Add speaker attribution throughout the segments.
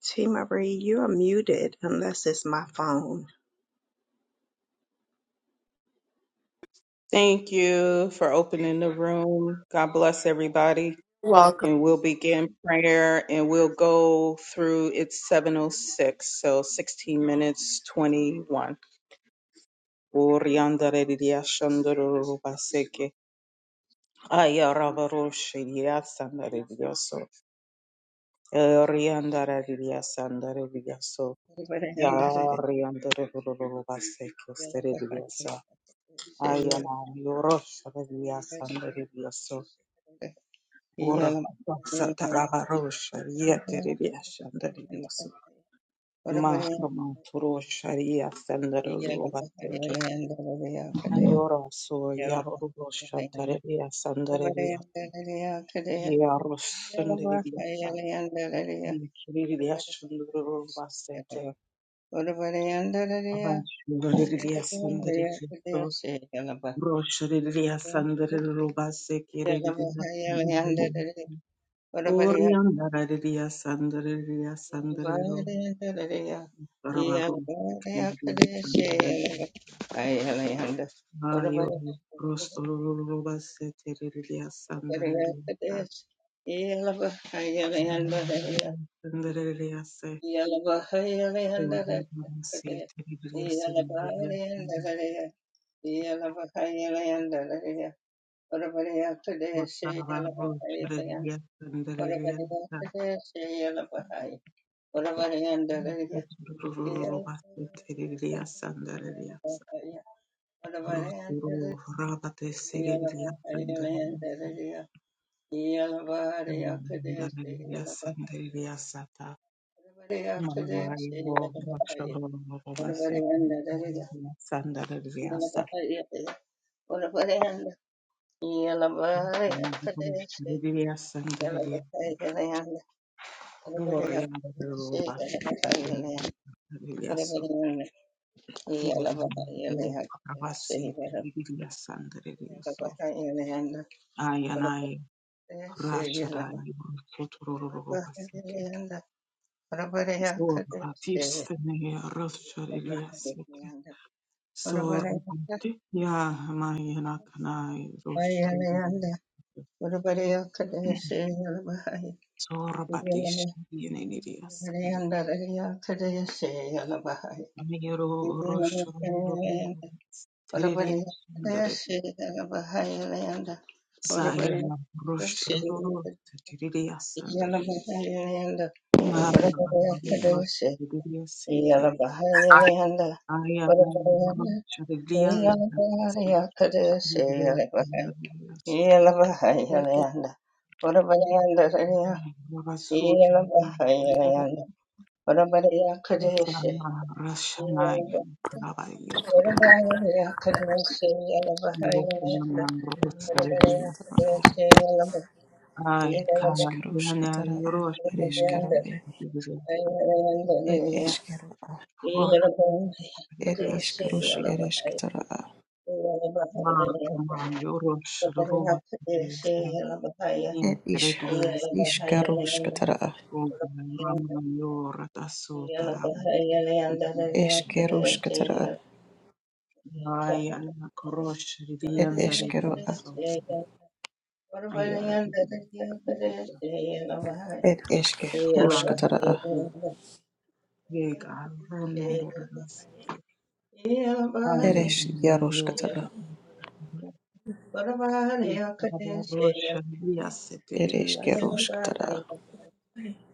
Speaker 1: T Marie, you are muted unless it's my phone.
Speaker 2: Thank you for opening the room. God bless everybody.
Speaker 3: welcome.
Speaker 2: And we'll begin prayer and we'll go through it's 706, so 16 minutes 21.
Speaker 4: Yeah.
Speaker 2: Ora pasata rabarosha yete ribiasha ndaribiasu. Mahama turosha riasa ndarulubateke. Ayora so yarorosha taribiasa ndaribiasu. Yarosha ndaribiasa. Yikiribiasha ndarulubasete. Abashu ndaribiasa ndaribiasu. Rosha ribiasa ndarulubaseke
Speaker 4: Yeah.
Speaker 2: ribiasa ndaribiasu. Orianda ribiasa ndaribiasa Barabarum Kribria Sandra Ayo Rostoroba Seterilia Sandarelia Sandarelia Se Se Teribria Sandarelia Botarabaro Cherelia Sandarelia Rostoroba Seterilia Sandarelia Roturu Rabate Serelia Sandarelia
Speaker 4: Yeah.
Speaker 2: Sandarelia Sandarelia Sata Mahairo Shorobase Sandalivia Sandalivia Sandalivia Korea Roba Viliaso Kura Pakavasi Vilia Sandalivio
Speaker 4: Yalla bahaya
Speaker 2: Ayanai Rashara Sotorobasete Sorba Tistene Rosharilia Sete Sorbate Ya Mayanakana Rosharilia Zorobadish yenenidias Miro Roshro Teridias and the Sayama Roshro Teridias and the
Speaker 4: yalla,
Speaker 2: Teridias
Speaker 4: Yeah.
Speaker 2: City Aya Roshridianda
Speaker 3: It is
Speaker 2: Ravasut
Speaker 3: Kara. It
Speaker 2: Sama Rashanayu Kavayo Tororo
Speaker 3: is Kara.
Speaker 2: Yokama Rosarilla Ai, Karina,
Speaker 3: Katara. It is
Speaker 2: Eurošpilį,
Speaker 3: Karo. It is Karo.
Speaker 2: Porą
Speaker 3: It
Speaker 2: reikės,
Speaker 3: is Karush. Katara.
Speaker 2: Makama,
Speaker 4: Yeah.
Speaker 2: Eurošrūva, Teisne,
Speaker 3: It is
Speaker 2: Interries,
Speaker 3: Katara.
Speaker 2: Uga, Rama, Jura, Tasutara,
Speaker 3: Is Karush Katara.
Speaker 2: Ai, Ana, Kroš,
Speaker 3: It
Speaker 2: Rivienda,
Speaker 3: is Karo.
Speaker 2: Rivieso, Aiera, i Rivieso, Man,
Speaker 3: Katara.
Speaker 2: Riviesa, Jėga, Renų, Lurinasi,
Speaker 3: It
Speaker 2: Ai,
Speaker 3: is
Speaker 2: Ana, Jokra,
Speaker 3: Katara.
Speaker 2: I have a Russian bias. It's a
Speaker 3: It
Speaker 2: little
Speaker 3: is
Speaker 2: bias.
Speaker 3: Karush Katara.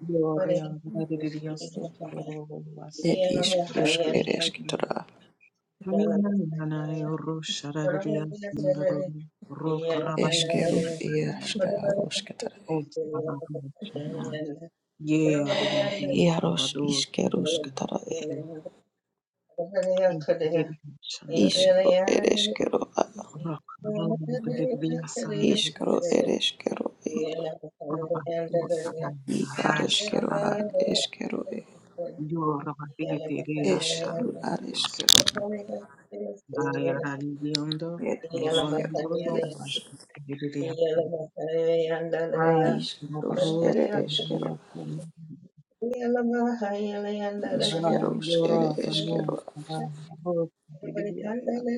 Speaker 2: Gloria, that's a little bit of a Russian
Speaker 3: It
Speaker 4: Yeah.
Speaker 3: is
Speaker 2: bias.
Speaker 3: Katara.
Speaker 2: I'm not a Russian, but I'm a little bit of a Russian
Speaker 3: Is
Speaker 2: bias.
Speaker 3: Karush.
Speaker 2: I'm not a Russian, but I'm a little bit of a Russian bias. I'm not a Russian,
Speaker 3: Katara.
Speaker 2: but I'm a little
Speaker 3: Ishkro ereshkero ad. Ishkro ereshkero e.
Speaker 2: bit of
Speaker 3: I
Speaker 2: a Russian
Speaker 3: areshkero
Speaker 2: bias.
Speaker 3: ad eshkero e.
Speaker 2: Yoro bategetere
Speaker 3: Eshru
Speaker 2: ashandi Dios.
Speaker 3: areshkero
Speaker 2: Ayara lidiondo,
Speaker 3: er eshkero
Speaker 2: rondoro
Speaker 3: iaros.
Speaker 2: bategetere
Speaker 4: Yeah.
Speaker 2: ashandi. Ay, no
Speaker 3: Ishkrus
Speaker 2: parros,
Speaker 3: ere eshkero.
Speaker 2: perdia, para,
Speaker 3: Ishkerus
Speaker 2: yoro,
Speaker 3: ere
Speaker 2: no,
Speaker 3: eshkero.
Speaker 2: para, parros, bategetere ashandi.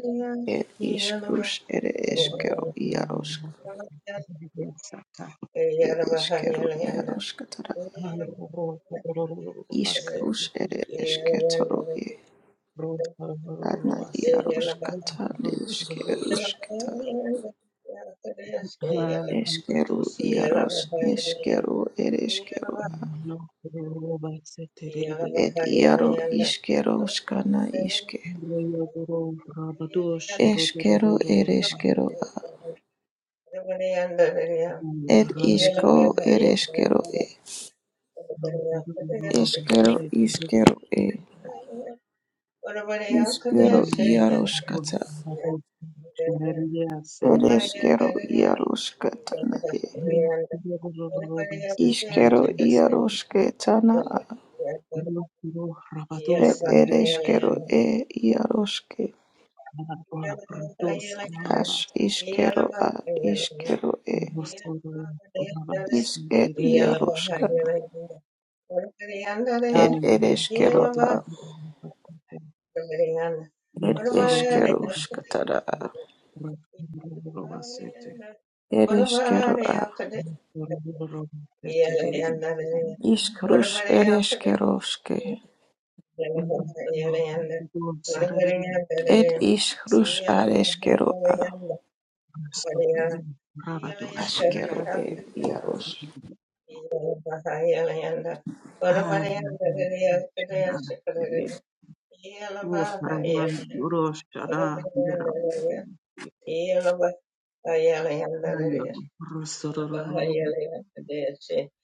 Speaker 3: Er ishkrus ere
Speaker 2: Oh,
Speaker 3: eshkero iaros.
Speaker 2: bategetere ashandi.
Speaker 3: Er eshkero iaros katara.
Speaker 2: Ay, oro, oro, oro, oro, basete,
Speaker 3: Ishkrus ere
Speaker 2: bategetere ashandi.
Speaker 3: eshketoro e.
Speaker 2: Oro, oro, oro,
Speaker 3: Adna
Speaker 2: baseke.
Speaker 3: iaros
Speaker 2: Oro,
Speaker 3: katande
Speaker 2: oro, oro,
Speaker 3: eshkerus katara. Eskero
Speaker 2: oro, oro.
Speaker 3: iaros neskero ereskero
Speaker 2: No,
Speaker 3: et iaro iskero skana iske
Speaker 4: Yeah.
Speaker 2: Rabados,
Speaker 3: eskero ereskero a et isko ereskero e eskero iskero e iskero iaros kata ereskero iaros katana e iskero iaros ketana a et ereskero e iaroske as iskero a iskero e
Speaker 4: Yeah.
Speaker 3: Isker
Speaker 2: Rabados,
Speaker 3: Yaroshka
Speaker 2: I'm
Speaker 3: Ed
Speaker 2: not
Speaker 3: Ereshkero A Ed
Speaker 2: sure.
Speaker 3: Eskeroshka Tada Ereshkero A Ishkrush Ereshkeroshke Ed Ishkrush Areshkero A Ashkero E Yarosh
Speaker 4: Yeah.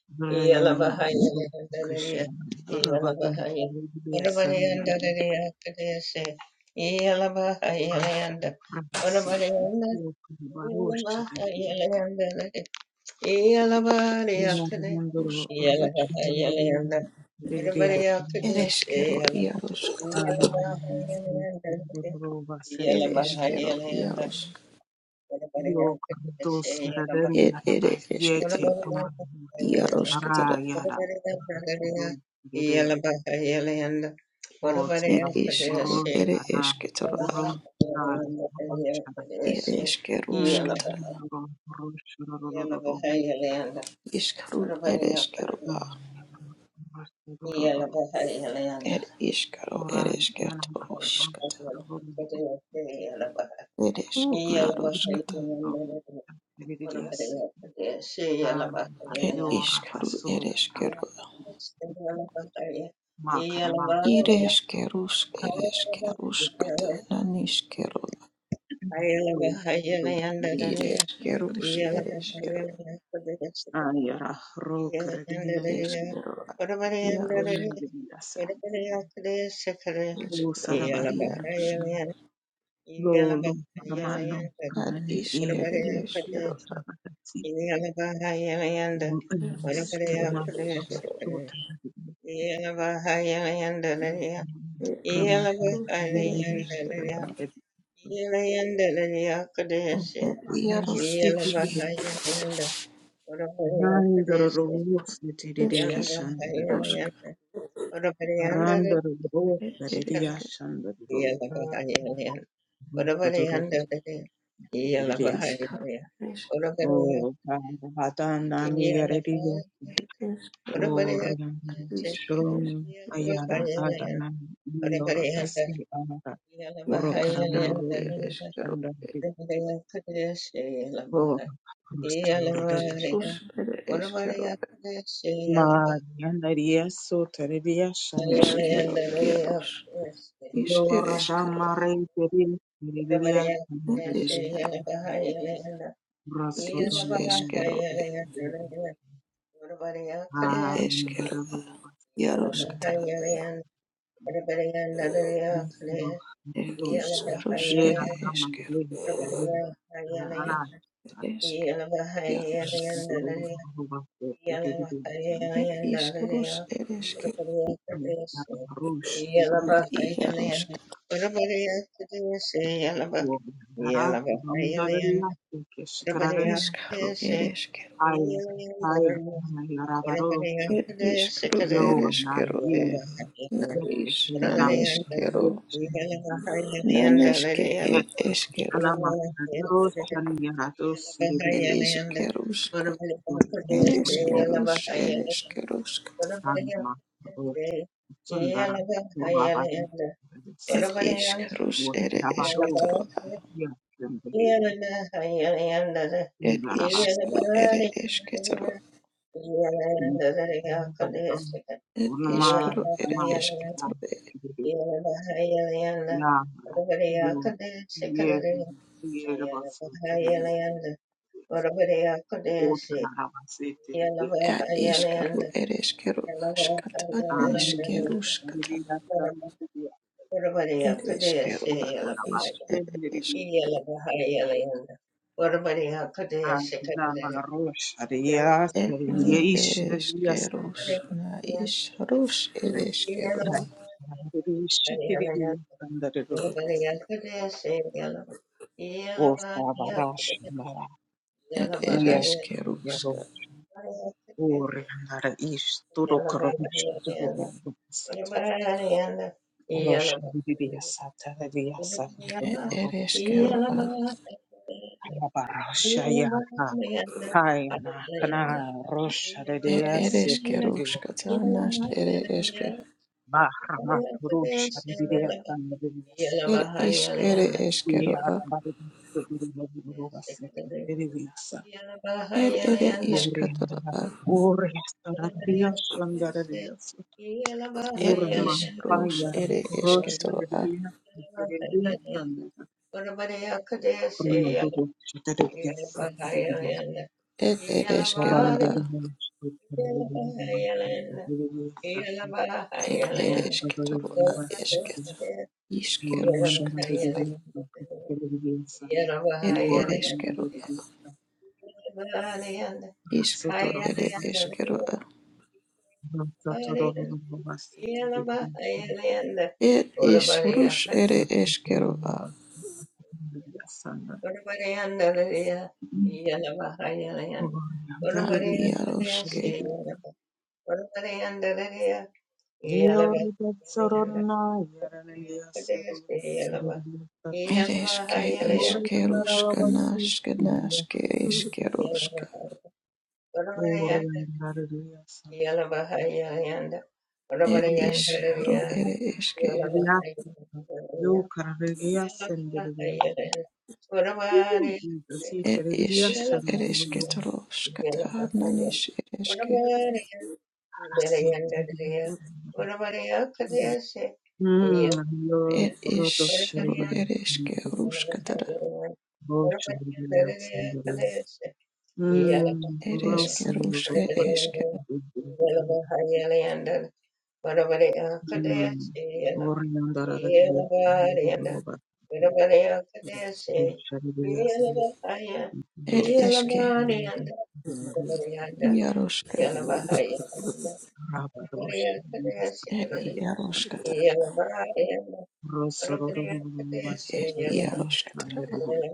Speaker 2: Brian Krishna Rabadu Biasan Rabasi Barosha
Speaker 4: Iyalabariyakade,
Speaker 3: Ishkrush
Speaker 2: Mundoro
Speaker 4: iyalabaha iyalayanda,
Speaker 2: Rushidia
Speaker 4: vadabariyakadesi
Speaker 3: Ereshkero
Speaker 4: iyalam,
Speaker 3: Yaroshk
Speaker 4: iyalabaha iyalayanda,
Speaker 2: Rova
Speaker 4: iyalabaha
Speaker 2: Seteria
Speaker 3: Ereshkero
Speaker 4: iyalayanda,
Speaker 3: Yaroshk
Speaker 2: Yok
Speaker 4: vadabariyakadesi
Speaker 2: Dos
Speaker 4: iyalam,
Speaker 2: Raden
Speaker 3: Ed Ere
Speaker 2: Rabas Yete
Speaker 3: Eshketero
Speaker 4: vadabariyakadesi iyalayanda,
Speaker 3: Yaroshketara
Speaker 2: Arayada
Speaker 4: vadabariyakadesi
Speaker 2: Gidia
Speaker 4: iyalabaha iyalayanda,
Speaker 2: Orsa
Speaker 3: Ed
Speaker 2: Ro
Speaker 3: Ishru Ere
Speaker 2: Ara
Speaker 3: Eshketero
Speaker 2: Ro
Speaker 3: A
Speaker 2: Mm,
Speaker 3: Ereshkeroshketara
Speaker 2: ro- rosh- ro- ro- ro- ro- ro.
Speaker 3: Iskru ereskero
Speaker 2: No,
Speaker 3: a
Speaker 2: rosh- ro- ro- ro-
Speaker 4: Yeah.
Speaker 2: ro.
Speaker 3: er iskaro
Speaker 2: Oran, yana
Speaker 3: eresketoro
Speaker 2: mako,
Speaker 3: skata
Speaker 2: rosh- ro- ro- ro- ro.
Speaker 3: eresk
Speaker 2: Oh, grab.
Speaker 3: iaroskata
Speaker 2: Oh, very good, yes. Ah,
Speaker 3: er
Speaker 2: yo, raba,
Speaker 3: iskaru
Speaker 2: so, ah,
Speaker 3: ereskero a
Speaker 2: ma, karama, ro- ro-
Speaker 3: ireskerus
Speaker 2: ro. Very good.
Speaker 3: ereskeruskata naniskero
Speaker 2: So, rosh- very good, yes. Mm, very
Speaker 3: ireskerus
Speaker 2: good.
Speaker 3: ereskero
Speaker 2: Ah, yara, ro, karadina, de,
Speaker 3: eskero a
Speaker 2: remen,
Speaker 3: iarosk
Speaker 2: de, yes. Oh,
Speaker 3: eskero
Speaker 2: saraba,
Speaker 3: iarosk
Speaker 2: rosh- Lo,
Speaker 4: Iyalaba
Speaker 2: lo, ramano,
Speaker 4: iyalayanda
Speaker 3: ad
Speaker 2: ramani, eh,
Speaker 3: iskere
Speaker 4: orabariya
Speaker 2: eh,
Speaker 3: eskero
Speaker 4: kadeshi.
Speaker 3: a
Speaker 2: yeah.
Speaker 4: Iyalaba iyalayanda
Speaker 3: er
Speaker 2: risk
Speaker 4: orabariya
Speaker 3: iskere
Speaker 2: Rama Rama
Speaker 4: kadeshi
Speaker 3: eskero
Speaker 4: kadeshi.
Speaker 2: Sota
Speaker 4: Iyalaba iyalayanda lariya.
Speaker 3: er
Speaker 2: Rama
Speaker 4: Iyalaba
Speaker 3: iskarus ere
Speaker 4: iyalayanda
Speaker 3: eskero
Speaker 4: lariya.
Speaker 3: a
Speaker 4: Iyalayanda
Speaker 3: er iaros
Speaker 4: Iyalaba iyalayanda orabariya
Speaker 2: Randoro
Speaker 4: kadeshi.
Speaker 2: Rose
Speaker 4: Iyalaba
Speaker 2: Yashandra
Speaker 3: Rosk
Speaker 4: iyalayanda orabariyanda kadeshi
Speaker 2: Randoro
Speaker 3: er
Speaker 2: Rose
Speaker 3: eresker
Speaker 2: Yashandra
Speaker 4: Iyalaba iyalayanda orabariyanda kadeshi.
Speaker 3: er iskaro eresker
Speaker 2: Oh Hadana
Speaker 4: Yeah.
Speaker 2: Miyaredi
Speaker 3: ereskero
Speaker 2: Orion,
Speaker 3: adis
Speaker 2: Shalom,
Speaker 3: ereskero
Speaker 2: Ayala,
Speaker 3: er
Speaker 2: Adana, Yor, Tasi, Ara, Orokarama,
Speaker 3: ireskero
Speaker 2: Yorum,
Speaker 3: ereskero er
Speaker 2: Shandari, Bor, Rustorli,
Speaker 3: iskaros ereskero
Speaker 2: Mariana, Rieso, Teredia, Shandari,
Speaker 3: ereskero iaros is
Speaker 2: Yor,
Speaker 3: ereskero
Speaker 2: Adama, Rey, Terin, Miridia,
Speaker 3: er
Speaker 2: Shandari,
Speaker 3: iskero er is
Speaker 2: Rasoton,
Speaker 3: eskero er
Speaker 2: Arin,
Speaker 3: ereskero
Speaker 2: Barabo,
Speaker 3: iaros katara er
Speaker 4: Yeah.
Speaker 2: Rosh,
Speaker 3: iskaros
Speaker 2: Dea, Rama,
Speaker 3: ereskero
Speaker 2: Dea, Terin, Ana,
Speaker 3: eresk iaros
Speaker 2: Yo,
Speaker 3: er iskaros ereskero iaros Eskaro, ereskero, Ed iskru ereskero e na kero, naneskero ke, ed eskero ed
Speaker 4: Yalabahayalayanda,
Speaker 3: iskeruska ed
Speaker 4: Urabadiyakadesi,
Speaker 3: iskerus ed
Speaker 4: Yalabahayalayanda,
Speaker 3: iskeruska
Speaker 4: Urabadiyakadesi, Yalabahayalayanda,
Speaker 3: ed
Speaker 4: Urabadiyanga,
Speaker 3: iskerus ed esketro
Speaker 4: Yalabahaya-
Speaker 2: Yatsembere
Speaker 4: Yalabahayalayanda,
Speaker 3: ed
Speaker 2: indarabaso
Speaker 3: iskru ed
Speaker 4: Yalabahayalayanda,
Speaker 3: esketro
Speaker 2: indarabaso
Speaker 4: Yalabahayalayakadesi,
Speaker 3: ed
Speaker 2: unuma
Speaker 3: iskru ed
Speaker 2: unuma
Speaker 4: Yalabahayalayanda,
Speaker 3: esketro
Speaker 4: Yalabahayalayanda, Urabadiyakadesi, Yalabahayalayanda,
Speaker 2: yamra yo ye yerabaso terebe
Speaker 4: Urabadiyakadesi,
Speaker 2: otarabase terebe
Speaker 4: Yellow,
Speaker 3: ed iskru ed eskero askata
Speaker 2: ayro shariri
Speaker 3: naeskeruskata
Speaker 2: yatsambere terebe
Speaker 3: ed eskero ad
Speaker 2: otarabase
Speaker 3: isk
Speaker 2: terebe ayama ro shariya terebe
Speaker 3: etni
Speaker 2: ishriya yatsambere
Speaker 3: ereskerus na isharus ereskerua
Speaker 2: terebe ayro shiterebe yatsambere terebe o sabarash
Speaker 3: et
Speaker 2: Iya, ya bo
Speaker 3: ereskeruska
Speaker 2: ore ngara isturu kromish turu bubasete. Rosha bibiya sata bibiya sanda turu
Speaker 3: et
Speaker 4: Yalabahayalanda,
Speaker 2: bubasete.
Speaker 3: ereskerua
Speaker 2: Baba rosha ya ha hai ana kana rosha
Speaker 3: et
Speaker 2: bibiya sete bibiya.
Speaker 3: ereskeruska tanas ere eske
Speaker 2: Bahra ma rosha bibiya sanda bibiya sete.
Speaker 3: et isk ere
Speaker 2: Iya
Speaker 3: eskerua
Speaker 2: rama bibiya bibiya bubasete bibiya sete.
Speaker 3: et ere
Speaker 2: Ore ngara
Speaker 3: iskatorua
Speaker 2: ore sara bibiya sanda
Speaker 3: et
Speaker 4: Yalabahayalanda,
Speaker 2: Urma
Speaker 3: isrus
Speaker 2: hayara
Speaker 3: ere
Speaker 2: korosha
Speaker 3: esketorua
Speaker 2: ririya ririya sandara
Speaker 4: Yalabahayalanda, Ora bara
Speaker 2: korma
Speaker 4: yakadesi,
Speaker 2: dobo shitara
Speaker 4: Yeah.
Speaker 2: disi ririya
Speaker 3: et
Speaker 2: oranda
Speaker 3: ereskerua
Speaker 2: dobo shitara ririya ririya sata
Speaker 3: et eresketorua
Speaker 2: rosa ririya
Speaker 3: esket
Speaker 2: Orianda
Speaker 3: iskeruska tara
Speaker 2: ririya sata ririya sana
Speaker 3: et
Speaker 2: Yoranda
Speaker 3: ereskerua
Speaker 2: ririya sata soto
Speaker 3: iskaro ere
Speaker 2: ririya
Speaker 3: eskerua
Speaker 2: sata rosato ririya sata ririya
Speaker 3: It is rush ere eskero a
Speaker 2: sana Mm,
Speaker 3: a iaroske.
Speaker 4: Yeah.
Speaker 2: io
Speaker 3: Ereske iskeruska naske naske eskeruska. Ed is ru ere eske. Ed is ereske troska ta nanis ereske. Ed is
Speaker 2: roto serio
Speaker 3: ru ereske
Speaker 4: Yeah.
Speaker 3: ruska tara.
Speaker 2: di Mm,
Speaker 3: Ereske
Speaker 2: gross, little
Speaker 3: ruske
Speaker 2: robot.
Speaker 3: eske.
Speaker 2: Mm, worn down that other little robot. Gross, shabby, really awesome.
Speaker 3: It
Speaker 2: Gross,
Speaker 3: eske
Speaker 2: mm, really awesome.
Speaker 3: iaroska.
Speaker 2: Rubber, gross, shabby,
Speaker 3: It
Speaker 2: shabby,
Speaker 3: iaroska
Speaker 2: shabby.
Speaker 3: tara.
Speaker 2: Gross, little robot,
Speaker 3: It is
Speaker 2: shabby, really
Speaker 3: iaroska
Speaker 2: awesome,
Speaker 3: tara.
Speaker 2: really.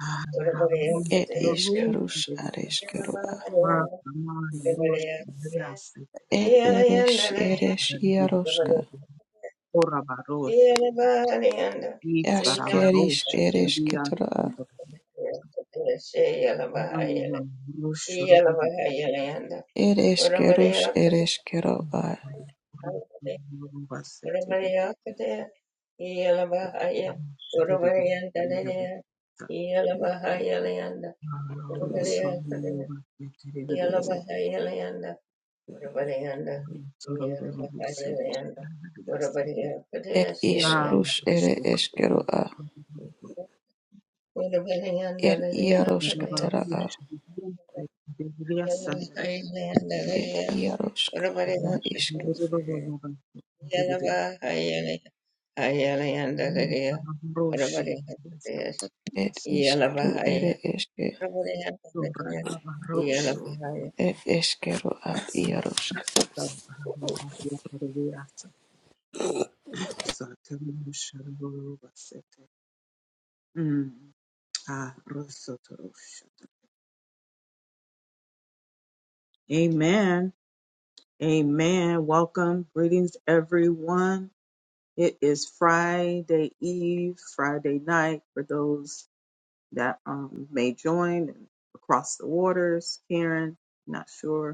Speaker 2: Ah,
Speaker 4: Ora
Speaker 2: yeah,
Speaker 4: bariya
Speaker 2: rubber,
Speaker 3: Ed
Speaker 4: kete se
Speaker 2: gross, gross,
Speaker 3: iskarus
Speaker 2: really awesome.
Speaker 4: yala
Speaker 3: areskerua.
Speaker 4: bariya
Speaker 2: Ah,
Speaker 4: ora
Speaker 2: come on, gross,
Speaker 4: bariya
Speaker 2: really
Speaker 4: kete
Speaker 2: awesome,
Speaker 3: Ed
Speaker 4: iya yanda
Speaker 3: eres
Speaker 4: la ya
Speaker 3: eres
Speaker 4: ora
Speaker 3: iaroska.
Speaker 4: bariya
Speaker 2: really. Oh, rubber, gross.
Speaker 4: iya la barianda iya la
Speaker 3: Askeris
Speaker 2: Yitsarabarosha
Speaker 4: bariya ora
Speaker 2: kiriya
Speaker 3: eresketora.
Speaker 2: sandokaya
Speaker 4: bariya kete se yala bariya iya la
Speaker 2: rushororo
Speaker 4: bariya la yanda
Speaker 3: Ed
Speaker 4: ora bariya
Speaker 3: eskerus
Speaker 4: kete
Speaker 3: ereskeroa.
Speaker 4: ora
Speaker 2: rubasetere
Speaker 4: bariya kete iya la bariya ora
Speaker 2: sharere
Speaker 4: bariyanda la ya
Speaker 2: bidabita
Speaker 4: iya la bariya la yanda ora bariya
Speaker 2: rusororo
Speaker 4: kete
Speaker 2: rubasetere
Speaker 4: iya
Speaker 2: biriya
Speaker 4: la bariya la yanda. Urabarianda,
Speaker 2: sororo
Speaker 4: Yarabakayanda,
Speaker 2: rusekishara
Speaker 4: Urabaria
Speaker 3: Ed
Speaker 2: ya
Speaker 4: Kadesaya,
Speaker 3: iskarus ere
Speaker 2: shoka
Speaker 3: eskeroa.
Speaker 4: Urabarianda,
Speaker 3: Ed
Speaker 4: Lydia Kades,
Speaker 3: iaroskatara.
Speaker 2: rubabarosha rubasetere biriya sandere rushororo rubasetere biriya sandere rushororo rubasetere
Speaker 4: Yarabakayanda,
Speaker 3: Ed
Speaker 4: Lydia,
Speaker 3: iaroska. Na
Speaker 4: Urabaria
Speaker 3: isku.
Speaker 4: Kadesaya, Yarabahayana, Hayalayanda, Lydia, Urabaria
Speaker 2: biriya
Speaker 4: Kades,
Speaker 2: sandere
Speaker 3: Ed iskaru ere
Speaker 4: Yalabahaya,
Speaker 3: eske.
Speaker 4: Urabarianda,
Speaker 2: Mm.
Speaker 4: Lydia, Yalabahaya.
Speaker 3: Ed eskeroa iaroska.
Speaker 2: Ah, Rosotorosha. Amen. Amen. Welcome. Greetings, everyone. It is Friday Eve, Friday night for those that um, may join across the waters. Karen, not sure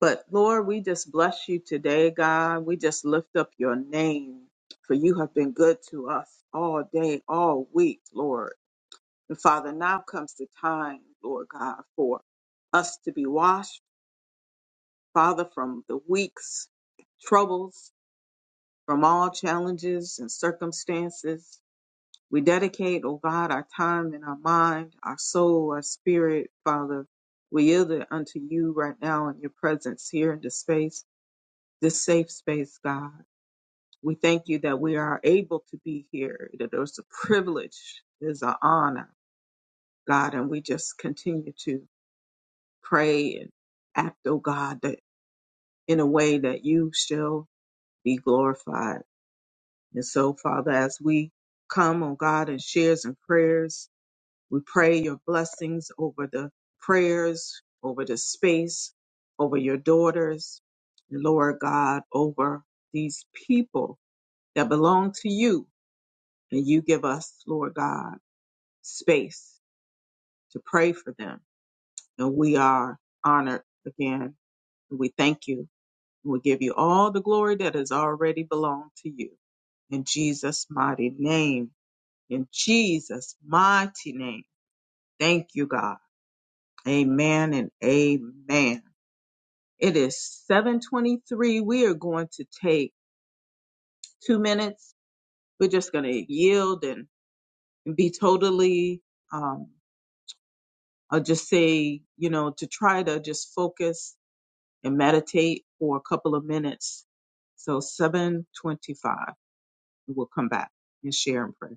Speaker 2: But Lord, we just bless you today, God. We just lift up your name, for you have been good to us all day, all week, Lord. And Father, now comes the time, Lord God, for us to be washed, Father, from the week's troubles, from all challenges and circumstances. We dedicate, oh God, our time and our mind, our soul, our spirit, Father. We yield it unto you right now in your presence here in this space. this safe space, God. We thank you that we are able to be here, that it's a privilege, it's an honor, God, and we just continue to pray and act, oh God, that in a way that you shall be glorified. And so, Father, as we come, oh God, in shares and prayers, we pray your blessings over the prayers, over the space, over your daughters, Lord God, over these people that belong to you. And you give us, Lord God, space to pray for them. And we are honored again. And we thank you. And we give you all the glory that has already belonged to you. In Jesus' mighty name. In Jesus' mighty name. Thank you, God. Amen and amen. It is 723. We are going to take two minutes. We're just going to yield and, and be totally um, I'll just say, you know, to try to just focus and meditate for a couple of minutes. So 725, we'll come back and share and pray.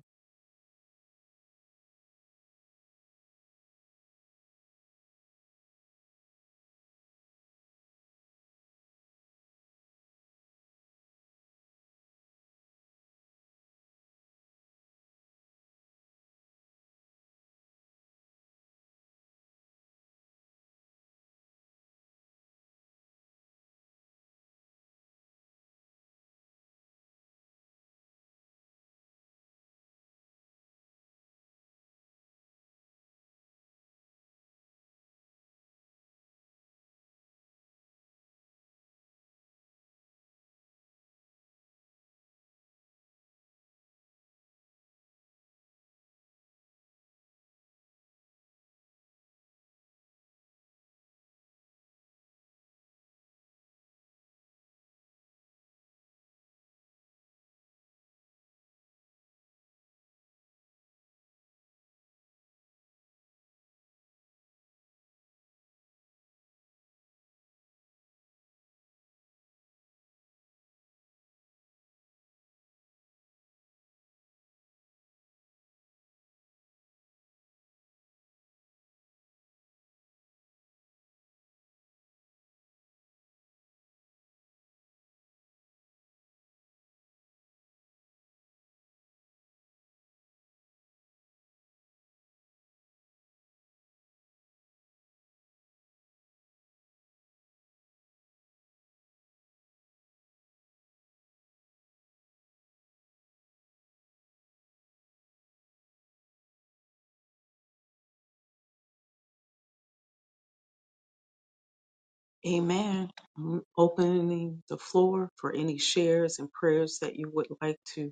Speaker 2: Amen. I'm opening the floor for any shares and prayers that you would like to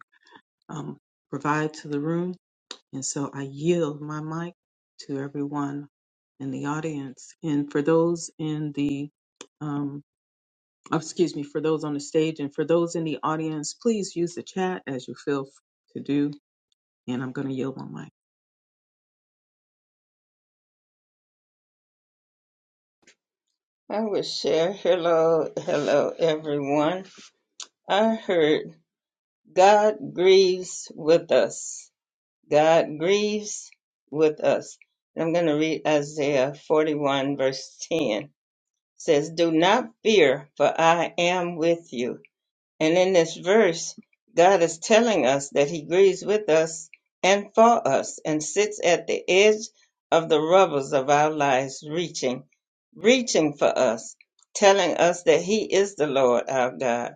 Speaker 2: um, provide to the room. And so I yield my mic to everyone in the audience. And for those in the um, oh, excuse me, for those on the stage and for those in the audience, please use the chat as you feel f- to do. And I'm going to yield my mic.
Speaker 4: I would share, hello, hello, everyone. I heard God grieves with us. God grieves with us. And I'm going to read Isaiah 41 verse 10 says, do not fear for I am with you. And in this verse, God is telling us that He grieves with us and for us and sits at the edge of the rubbles of our lives, reaching, reaching for us, telling us that He is the Lord our God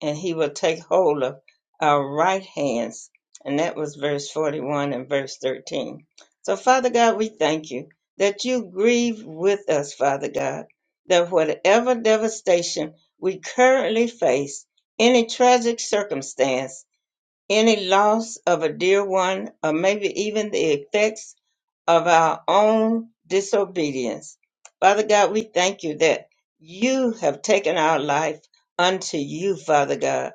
Speaker 4: and He will take hold of our right hands. And that was verse 41 and verse 13. So, Father God, we thank you that you grieve with us, Father God, that whatever devastation we currently face, any tragic circumstance, any loss of a dear one, or maybe even the effects of our own disobedience. Father God, we thank you that you have taken our life unto you, Father God.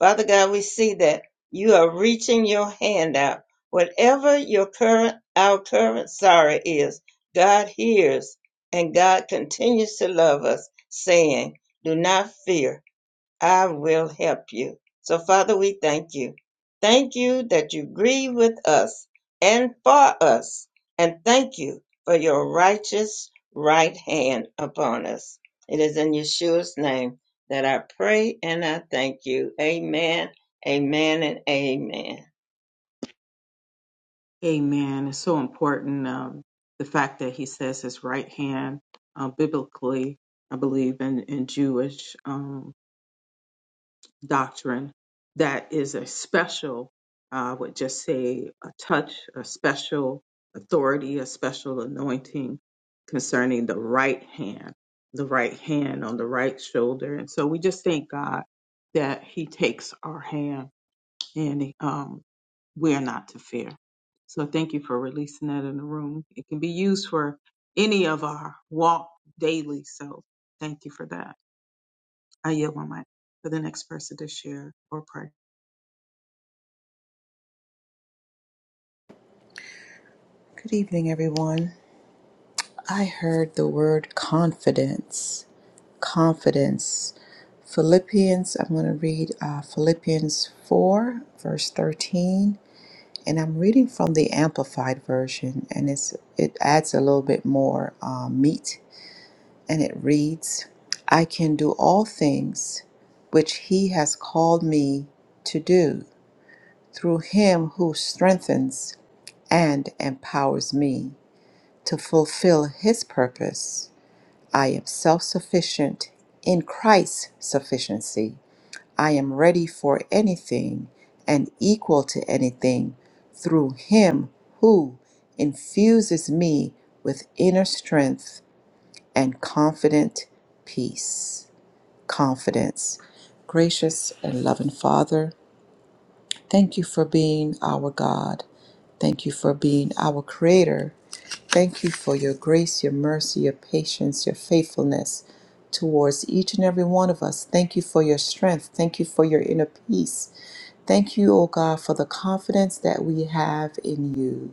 Speaker 4: Father God, we see that you are reaching your hand out. Whatever your current, our current sorrow is, God hears and God continues to love us, saying, Do not fear. I will help you. So, Father, we thank you. Thank you that you grieve with us and for us. And thank you for your righteous right hand upon us. It is in Yeshua's name that I pray and I thank you. Amen, amen, and amen.
Speaker 2: Amen. It's so important. Um, the fact that he says his right hand, uh, biblically, I believe in, in Jewish, um, doctrine that is a special, I would just say, a touch, a special authority, a special anointing concerning the right hand, the right hand on the right shoulder. And so we just thank God that He takes our hand and um, we're not to fear. So thank you for releasing that in the room. It can be used for any of our walk daily. So thank you for that. I yield my mic for the next person to share or pray.
Speaker 3: Good evening, everyone. I heard the word confidence. Confidence. Philippians, I'm going to read uh, Philippians 4, verse 13, and I'm reading from the Amplified Version, and it's, it adds a little bit more uh, meat. And it reads, I can do all things which He has called me to do through Him who strengthens and empowers me to fulfill His purpose. I am self sufficient in Christ's sufficiency. I am ready for anything and equal to anything through Him who infuses me with inner strength and confident peace. Confidence. Gracious and loving Father, Thank you for being our God. Thank you for being our Creator. Thank you for your grace, your mercy, your patience, your faithfulness towards each and every one of us. Thank you for your strength. Thank you for your inner peace. Thank you, O God, for the confidence that we have in you.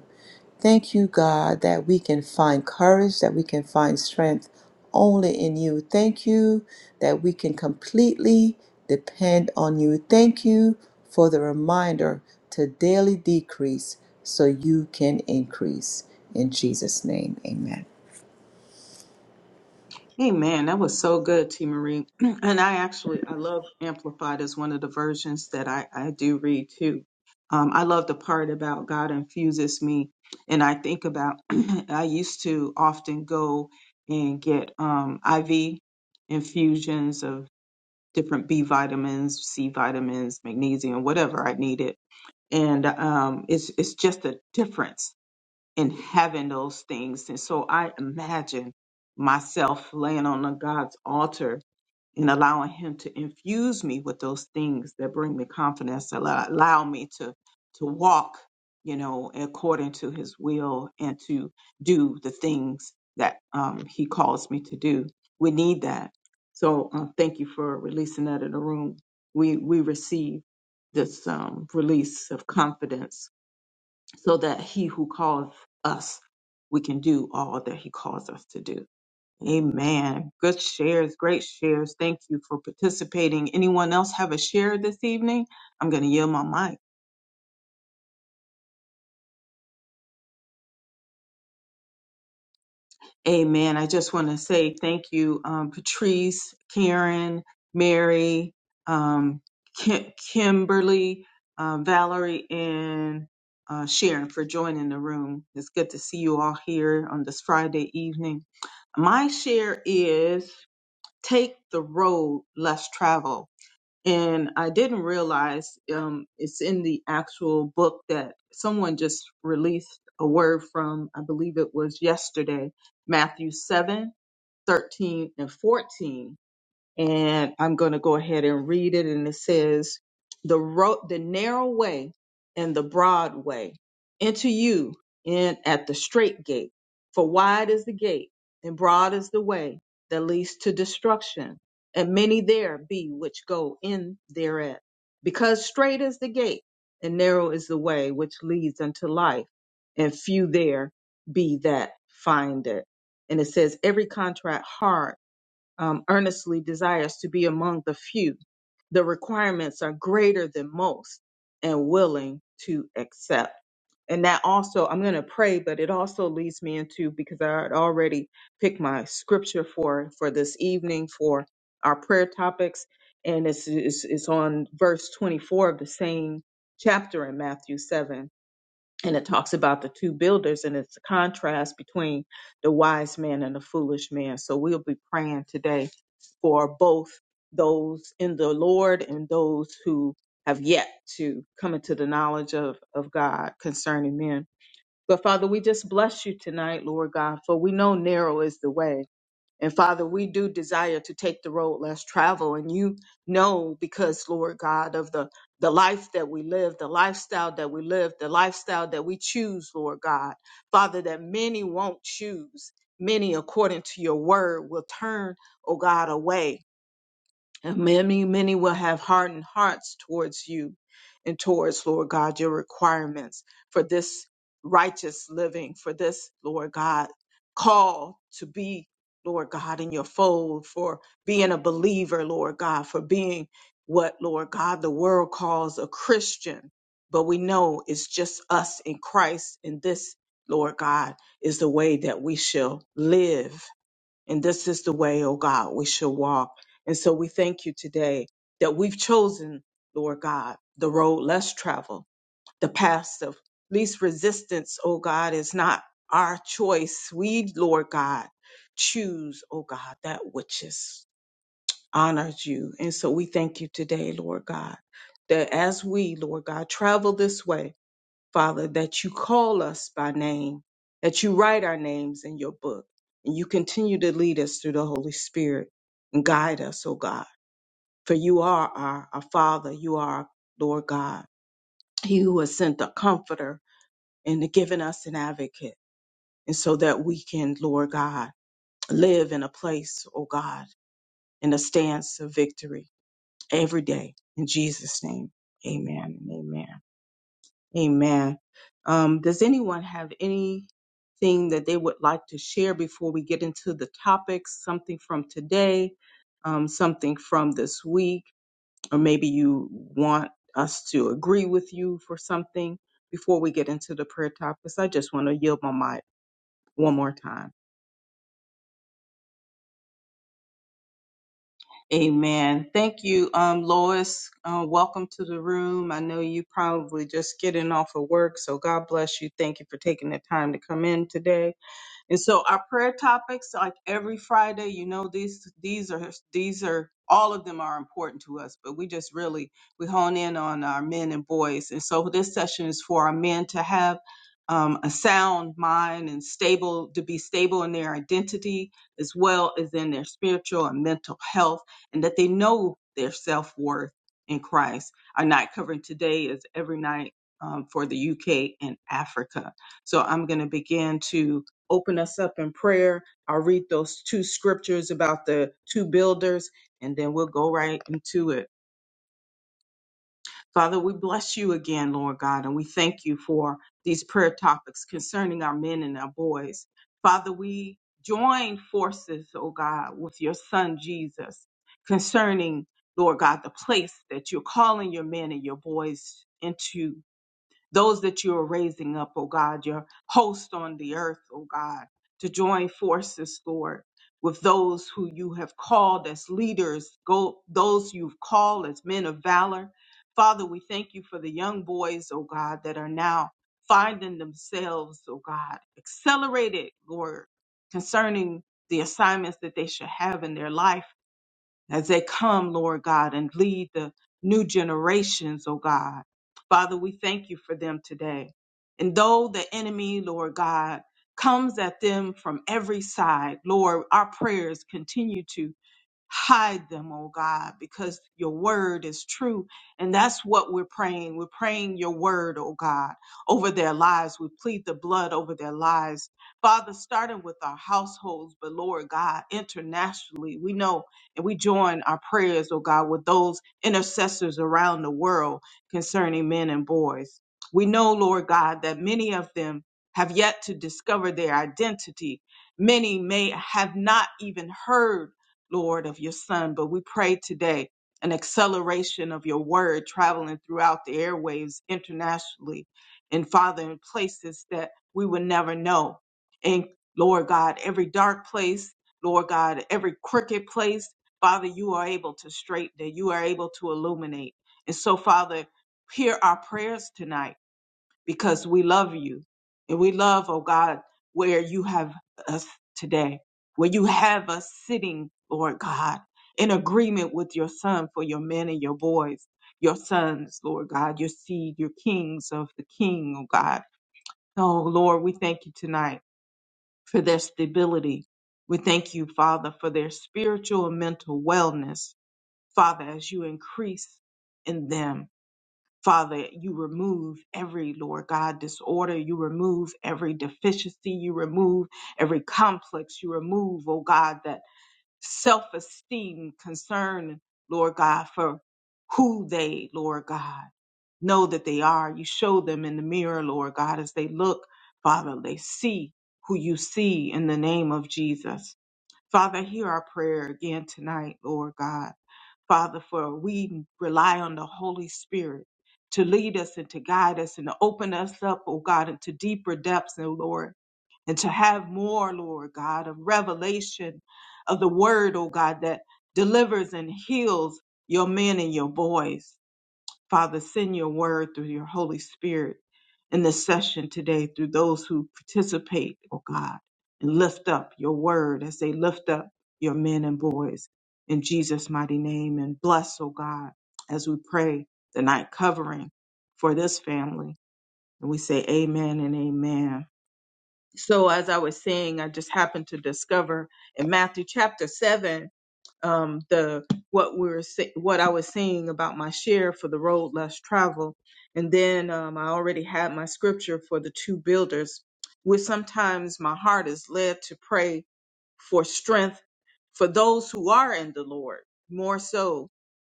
Speaker 3: Thank you, God, that we can find courage, that we can find strength only in you. Thank you that we can completely depend on you. Thank you for the reminder to daily decrease so you can increase. In Jesus' name, amen.
Speaker 2: Amen. That was so good, T. Marie. and I actually I love Amplified as one of the versions that I, I do read too. Um, I love the part about God infuses me, and I think about I used to often go and get um, IV infusions of different B vitamins, C vitamins, magnesium, whatever I needed, and um, it's it's just a difference in having those things. And so I imagine myself laying on a God's altar and allowing Him to infuse me with those things that bring me confidence, that allow allow me to to walk, you know, according to His will and to do the things that um, He calls me to do. We need that. So uh, thank you for releasing that in the room. We we receive this um, release of confidence so that he who calls us, we can do all that he calls us to do. Amen. Good shares, great shares. Thank you for participating. Anyone else have a share this evening? I'm going to yield my mic. Amen. I just want to say thank you, um, Patrice, Karen, Mary, um, Kim- Kimberly, uh, Valerie, and uh, Sharon for joining the room. It's good to see you all here on this Friday evening. My share is take the road less traveled. And I didn't realize um, it's in the actual book that someone just released a word from, I believe it was yesterday, Matthew 7 13 and 14 and I'm going to go ahead and read it. And it says, "The road, the narrow way, and the broad way, enter you in at the straight gate. For wide is the gate, and broad is the way that leads to destruction, and many there be which go in thereat. Because straight is the gate, and narrow is the way which leads unto life, and few there be that find it." And it says, "Every contract hard." um, earnestly desires to be among the few. The requirements are greater than most and willing to accept. And that also, I'm going to pray, but it also leads me into because I had already picked my scripture for for this evening for our prayer topics, and it's it's, it's on verse 24 of the same chapter in Matthew 7 and it talks about the two builders and it's a contrast between the wise man and the foolish man so we'll be praying today for both those in the lord and those who have yet to come into the knowledge of, of god concerning men but father we just bless you tonight lord god for we know narrow is the way and Father, we do desire to take the road less traveled. And you know, because Lord God, of the, the life that we live, the lifestyle that we live, the lifestyle that we choose, Lord God, Father, that many won't choose. Many, according to your word, will turn, oh God, away. And many, many will have hardened hearts towards you and towards, Lord God, your requirements for this righteous living, for this, Lord God, call to be, Lord God, in your fold, for being a believer, Lord God, for being what, Lord God, the world calls a Christian. But we know it's just us in Christ, and this, Lord God, is the way that we shall live and this is the way, oh God, we should walk. And so we thank you today that we've chosen, Lord God, the road less traveled, the path of least resistance, oh God, is not our choice. We, Lord God, choose, oh God, that which is honors you. And so we thank you today, Lord God, that as we, Lord God, travel this way, Father, that you call us by name, that you write our names in your book, and you continue to lead us through the Holy Spirit and guide us, O God. For you are our, our Father, you are our Lord God, He who has sent the Comforter and given us an advocate, and so that we can, Lord God, live in a place, O God, in a stance of victory every day. In Jesus' name, amen and amen. Amen. Um, does anyone have anything that they would like to share before we get into the topics? Something from today, um, something from this week, or maybe you want us to agree with you for something before we get into the prayer topics? I just want to yield my mic one more time. Amen. Thank you, um, Lois. Uh, welcome to the room. I know you probably just getting off of work, so God bless you. Thank you for taking the time to come in today. And so our prayer topics, like every Friday, you know, these these are these are all of them are important to us, but we just really we hone in on our men and boys. And so this session is for our men to have um, a sound mind and stable to be stable in their identity as well as in their spiritual and mental health, and that they know their self worth in Christ. Our night covering today is every night um, for the UK and Africa. So I'm going to begin to open us up in prayer. I'll read those two scriptures about the two builders, and then we'll go right into it. Father, we bless you again, Lord God, and we thank you for these prayer topics concerning our men and our boys. Father, we join forces, oh God, with your son Jesus concerning, Lord God, the place that you're calling your men and your boys into those that you are raising up, O God, your host on the earth, O God, to join forces, Lord, with those who you have called as leaders, go, those you've called as men of valor. Father, we thank you for the young boys, oh God, that are now finding themselves, oh God, accelerated, Lord, concerning the assignments that they should have in their life as they come, Lord God, and lead the new generations, oh God. Father, we thank you for them today. And though the enemy, Lord God, comes at them from every side, Lord, our prayers continue to Hide them, oh God, because your word is true. And that's what we're praying. We're praying your word, oh God, over their lives. We plead the blood over their lives. Father, starting with our households, but Lord God, internationally, we know and we join our prayers, oh God, with those intercessors around the world concerning men and boys. We know, Lord God, that many of them have yet to discover their identity. Many may have not even heard Lord, of your son. But we pray today an acceleration of your word traveling throughout the airwaves internationally and Father in places that we would never know. And Lord God, every dark place, Lord God, every crooked place, Father, you are able to straighten it. You are able to illuminate. And so, Father, hear our prayers tonight because we love you. And we love, oh God, where you have us today, where you have us sitting, Lord God, in agreement with your son for your men and your boys, your sons, Lord God, your seed, your kings of the king, oh God. Oh Lord, we thank you tonight for their stability. We thank you, Father, for their spiritual and mental wellness, Father, as you increase in them. Father, you remove every, Lord God, disorder. You remove every deficiency. You remove every complex. You remove, oh God, that self esteem concern, Lord God, for who they, Lord God, know that they are. You show them in the mirror, Lord God, as they look, Father, they see who you see in the name of Jesus. Father, hear our prayer again tonight, Lord God. Father, for we rely on the Holy Spirit to lead us and to guide us and to open us up, oh God, into deeper depths, oh Lord, and to have more, Lord God, of revelation of the word, oh God, that delivers and heals your men and your boys. Father, send your word through your Holy Spirit in this session today through those who participate, oh God, and lift up your word as they lift up your men and boys in Jesus' mighty name. And bless, oh God, as we pray the night covering for this family. And we say amen and amen. So as I was saying, I just happened to discover in Matthew chapter 7 um, the what we were se- what I was seeing about my share for the road less traveled, and then um, I already had my scripture for the two builders. Where sometimes my heart is led to pray for strength for those who are in the Lord more so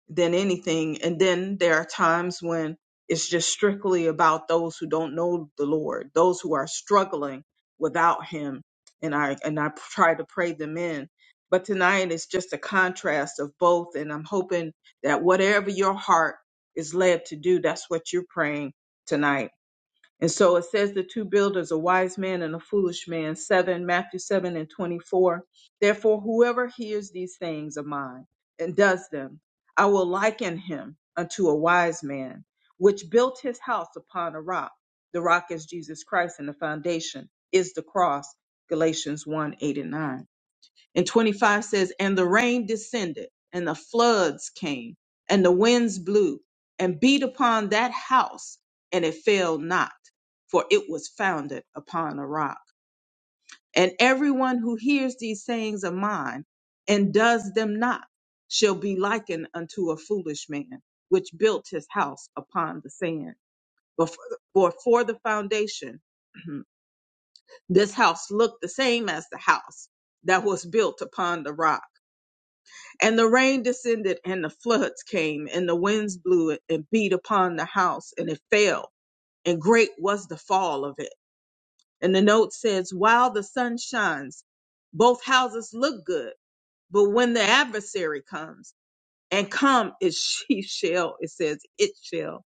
Speaker 2: than anything. And then there are times when it's just strictly about those who don't know the Lord, those who are struggling without Him. And I and I try to pray them in. But tonight is just a contrast of both, and I'm hoping that whatever your heart is led to do, that's what you're praying tonight and so it says the two builders, a wise man and a foolish man, 7, Matthew 7 and 24. Therefore, whoever hears these things of mine and does them, I will liken him unto a wise man, which built his house upon a rock. The rock is Jesus Christ, and the foundation is the cross, Galatians 1 8 and 9. And 25 says, And the rain descended, and the floods came, and the winds blew, and beat upon that house, and it fell not, for it was founded upon a rock. And everyone who hears these sayings of mine and does them not shall be likened unto a foolish man, which built his house upon the sand. Before, for for the foundation, this house looked the same as the house that was built upon the rock And the rain descended, and the floods came, and the winds blew it and beat upon the house, and it fell, and great was the fall of it. And the note says, While the sun shines, both houses look good, but when the adversary comes, and come it she shall, it says, it shall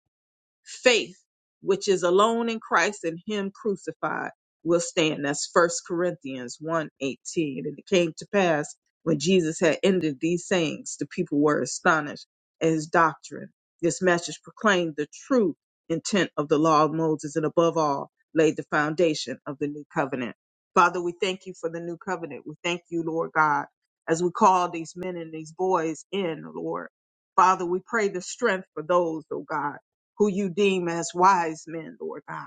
Speaker 2: faith which is alone in christ and him crucified will stand that's first corinthians one 18. and it came to pass when jesus had ended these sayings the people were astonished at his doctrine this message proclaimed the true intent of the law of moses and above all laid the foundation of the new covenant father we thank you for the new covenant we thank you lord god as we call these men and these boys in lord father we pray the strength for those oh god who you deem as wise men, Lord God.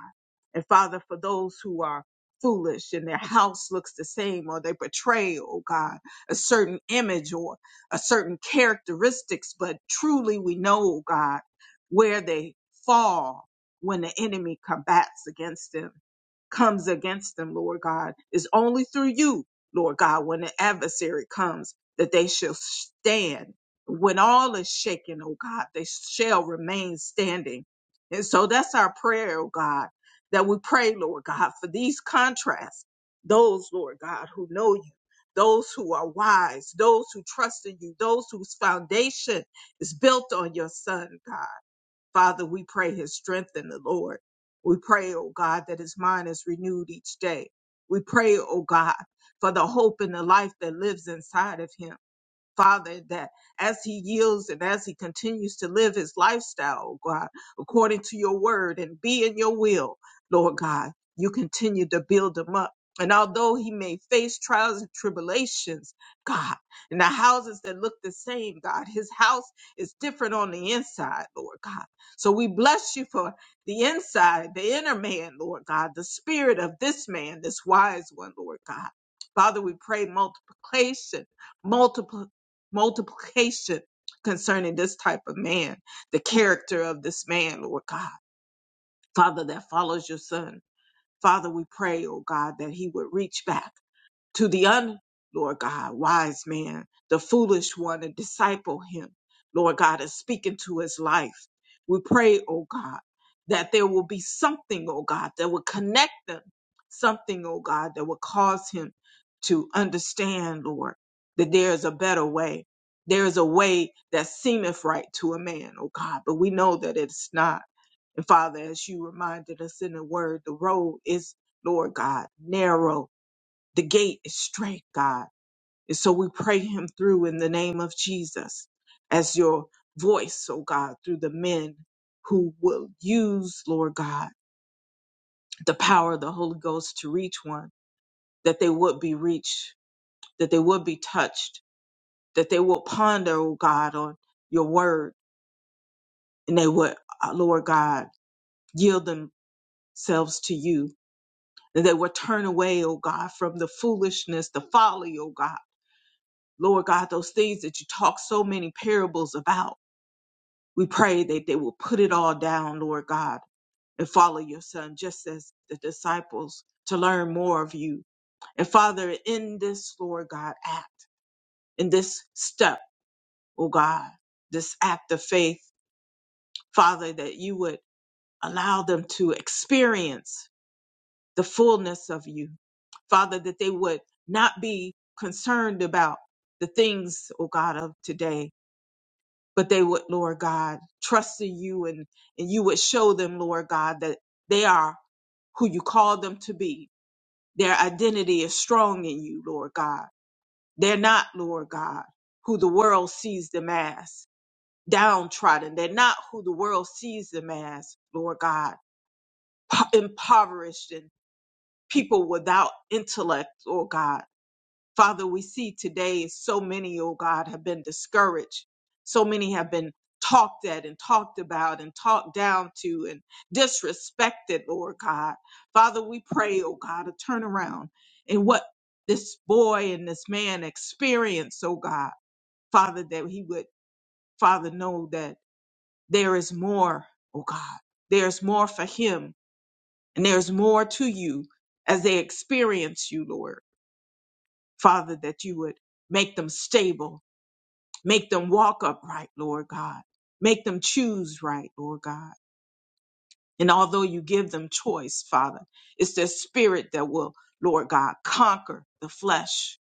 Speaker 2: And Father, for those who are foolish and their house looks the same or they portray, oh God, a certain image or a certain characteristics, but truly we know, oh God, where they fall when the enemy combats against them, comes against them, Lord God, is only through you, Lord God, when the adversary comes that they shall stand when all is shaken, oh God, they shall remain standing. And so that's our prayer, oh God, that we pray, Lord God, for these contrasts. Those, Lord God, who know you, those who are wise, those who trust in you, those whose foundation is built on your Son, God. Father, we pray his strength in the Lord. We pray, oh God, that his mind is renewed each day. We pray, oh God, for the hope and the life that lives inside of him. Father, that as he yields and as he continues to live his lifestyle, oh God, according to your word and be in your will, Lord God, you continue to build him up. And although he may face trials and tribulations, God, and the houses that look the same, God, his house is different on the inside, Lord God. So we bless you for the inside, the inner man, Lord God, the spirit of this man, this wise one, Lord God. Father, we pray multiplication, multiple multiplication concerning this type of man, the character of this man, Lord God. Father, that follows your son. Father, we pray, oh God, that he would reach back to the un, Lord God, wise man, the foolish one, and disciple him, Lord God, and speak into his life. We pray, oh God, that there will be something, oh God, that will connect them, something, oh God, that will cause him to understand, Lord, that there is a better way. There is a way that seemeth right to a man, oh God, but we know that it's not. And Father, as you reminded us in the word, the road is, Lord God, narrow the gate is straight, God. And so we pray him through in the name of Jesus as your voice, oh God, through the men who will use, Lord God, the power of the Holy Ghost to reach one, that they would be reached, that they would be touched, that they will ponder, oh God, on your word, and they would, uh, Lord God, yield themselves to you, and they would turn away, oh God, from the foolishness, the folly, oh God Lord God, those things that you talk so many parables about, we pray that they will put it all down, Lord God, and follow your son, just as the disciples to learn more of you. And Father, in this, Lord God, act, in this step, oh God, this act of faith, Father, that you would allow them to experience the fullness of you. Father, that they would not be concerned about the things, oh God, of today, but they would, Lord God, trust in you and, and you would show them, Lord God, that they are who you called them to be. Their identity is strong in you, Lord God. They're not, Lord God, who the world sees them as, downtrodden. They're not who the world sees them as, Lord God, po- impoverished and people without intellect, Lord God. Father, we see today so many, oh God, have been discouraged. So many have been talked at and talked about and talked down to and disrespected, Lord God. Father, we pray, oh God, a turnaround in what this boy and this man experienced, oh God. Father, that he would, Father, know that there is more, oh God. There's more for him and there's more to you as they experience you, Lord. Father, that you would make them stable Make them walk upright, Lord God. Make them choose right, Lord God. And although you give them choice, Father, it's their spirit that will, Lord God, conquer the flesh.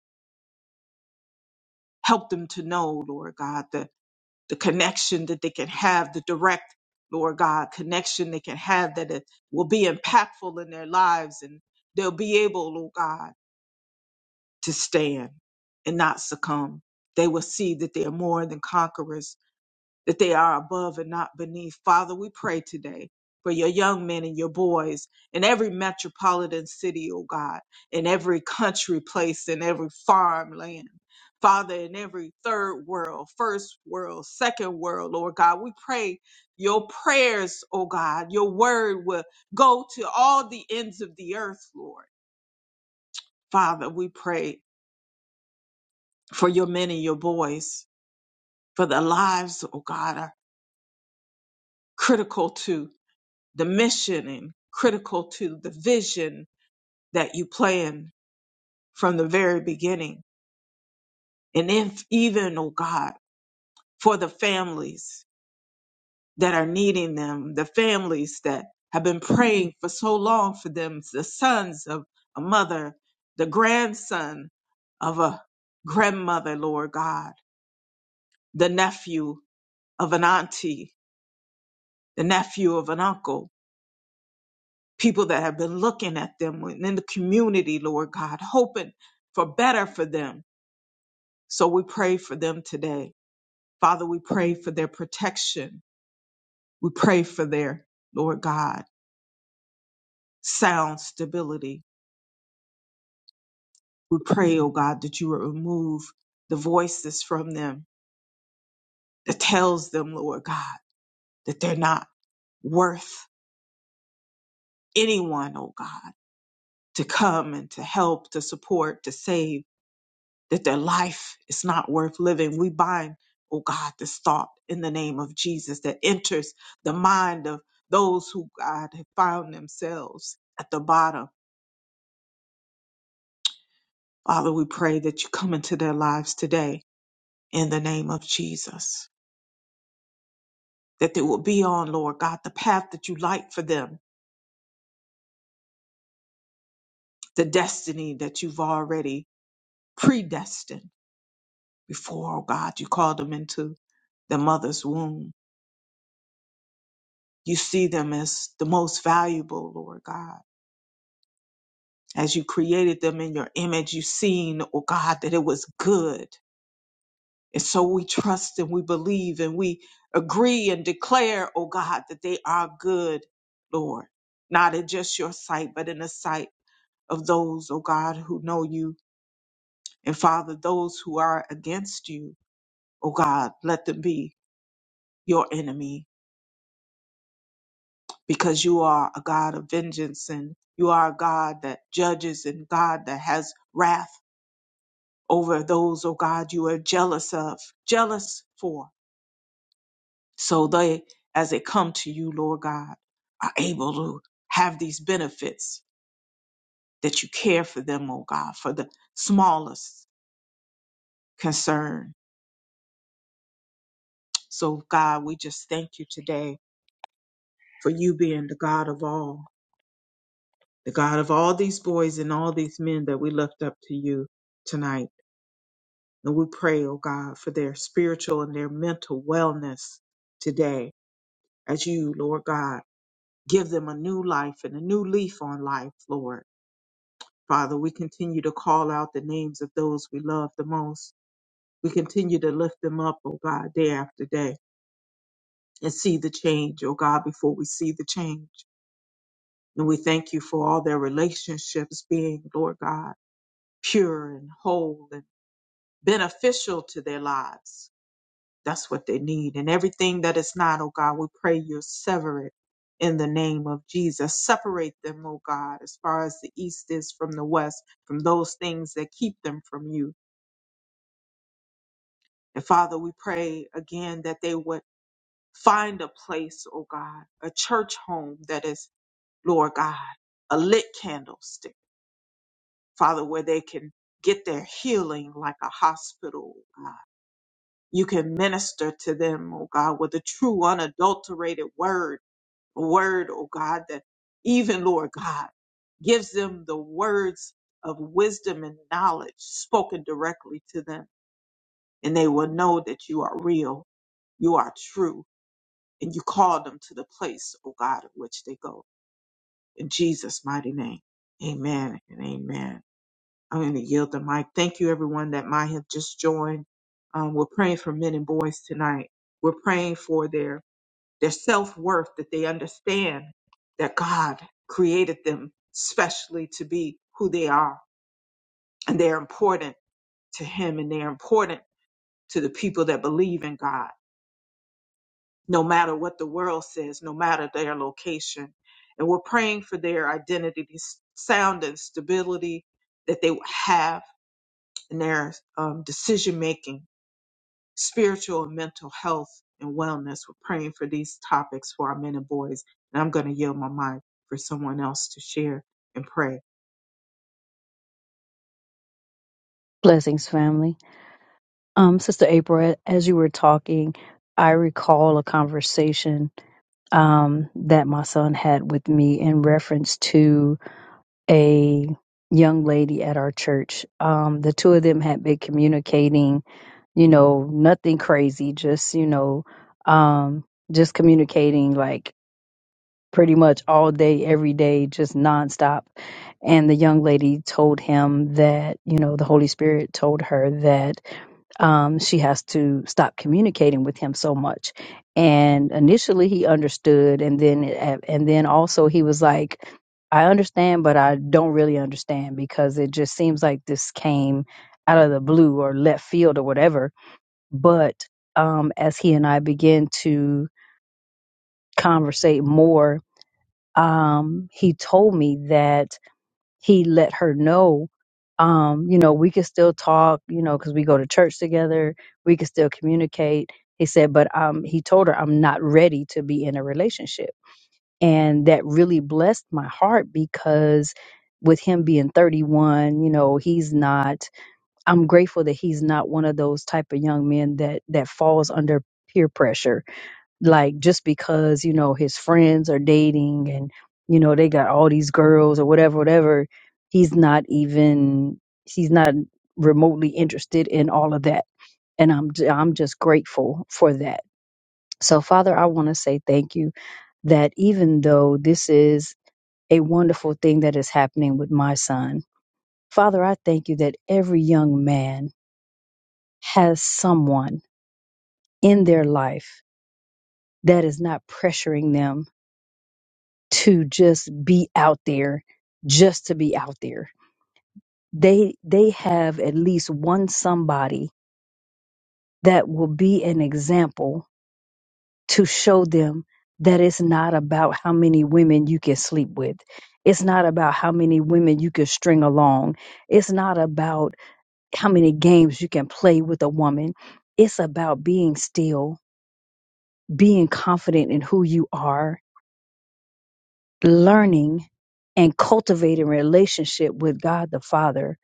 Speaker 2: Help them to know, Lord God, the, the connection that they can have, the direct, Lord God, connection they can have that it will be impactful in their lives and they'll be able, Lord God, to stand and not succumb. They will see that they are more than conquerors that they are above and not beneath. Father, we pray today for your young men and your boys in every metropolitan city, oh God, in every country place, in every farmland. Father, in every third world, first world, second world, Lord God, we pray your prayers, oh God, your word will go to all the ends of the earth, Lord. Father, we pray for your men and your boys, for their lives, oh God, are critical to. the mission and critical to the vision that you planned from the very beginning. And if even, oh God, for the families that are needing them, the families that have been praying for so long for them, the sons of a mother, the grandson of a grandmother, Lord God, the nephew of an auntie, the nephew of an uncle, people that have been looking at them in the community, Lord God, hoping for better for them. So we pray for them today. Father, we pray for their protection. We pray for their, Lord God, sound stability. We pray, oh God, that you will remove the voices from them that tells them, Lord God, that they're not worth anyone, oh God, to come and to help, to support, to save that their life is not worth living. We bind, oh God, this thought in the name of Jesus that enters the mind of those who, God, have found themselves at the bottom. Father, we pray that you come into their lives today in the name of Jesus, that they will be on, Lord God, the path that you light for them, the destiny that you've already predestined before, oh God, you called them into their mother's womb. You see them as the most valuable, Lord God As you created them in your image, you seen, oh God, that it was good. And so we trust and we believe and we agree and declare, oh God, that they are good, Lord, not in just your sight, but in the sight of those, oh God, who know you. And Father, those who are against you, oh God, let them be your enemy because you are a God of vengeance and you are a God that judges and God that has wrath. over those, oh God, you are jealous of, jealous for. So they, as they come to you, Lord God, are able to have these benefits that you care for them, oh God, for the smallest concern. So, God, we just thank you today for you being the God of all, the God of all these boys and all these men that we lift up to you tonight. And we pray, oh God, for their spiritual and their mental wellness today as you, Lord God. Give them a new life and a new leaf on life, Lord. Father, we continue to call out the names of those we love the most. We continue to lift them up, oh God, day after day and see the change, oh God, before we see the change. And we thank you for all their relationships being, Lord God, pure and whole and beneficial to their lives. That's what they need. And everything that is not, oh God, we pray you sever it in the name of Jesus. Separate them, oh God, as far as the east is from the west, from those things that keep them from you. And Father, we pray again that they would find a place, oh God, a church home that is, Lord God, a lit candlestick, Father, where they can get their healing like a hospital, oh God you can minister to them, oh God, with a true, unadulterated word word, oh God, that even, Lord God, gives them the words of wisdom and knowledge spoken directly to them. And they will know that you are real, you are true, and you call them to the place, oh God, at which they go. In Jesus' mighty name, amen and amen. I'm going to yield the mic. Thank you, everyone that might have just joined. Um, we're praying for men and boys tonight. We're praying for their their self worth, that they understand that God created them specially to be who they are. And they're important to Him and they're important to the people that believe in God, no matter what the world says, no matter their location. And we're praying for their identity, s- sound and stability that they have in their um, decision making spiritual and mental health and wellness. We're praying for these topics for our men and boys. And I'm going to yield my mic for someone else to share and pray.
Speaker 5: Blessings, family. Um, Sister April, as you were talking, I recall a conversation um, that my son had with me in reference to a young lady at our church. Um, the two of them had been communicating, you know, nothing crazy, just, you know, um, just communicating like pretty much all day, every day, just nonstop. And the young lady told him that, you know, the Holy Spirit told her that um, she has to stop communicating with him so much. And initially, he understood, and then and then also he was like, "I understand, but I don't really understand because it just seems like this came out of the blue or left field or whatever." But um, as he and I began to conversate more, um, he told me that he let her know, um, you know, we could still talk, you know, because we go to church together, we could still communicate. He said, but um, he told her, I'm not ready to be in a relationship. And that really blessed my heart because with him being 31, you know, he's not, I'm grateful that he's not one of those type of young men that, that falls under peer pressure like just because you know his friends are dating and you know they got all these girls or whatever whatever he's not even he's not remotely interested in all of that and i'm j- i'm just grateful for that so father i want to say thank you that even though this is a wonderful thing that is happening with my son father i thank you that every young man has someone in their life that is not pressuring them to just be out there just to be out there they they have at least one somebody that will be an example to show them that it's not about how many women you can sleep with it's not about how many women you can string along it's not about how many games you can play with a woman it's about being still being confident in who you are learning and cultivating a relationship with god the father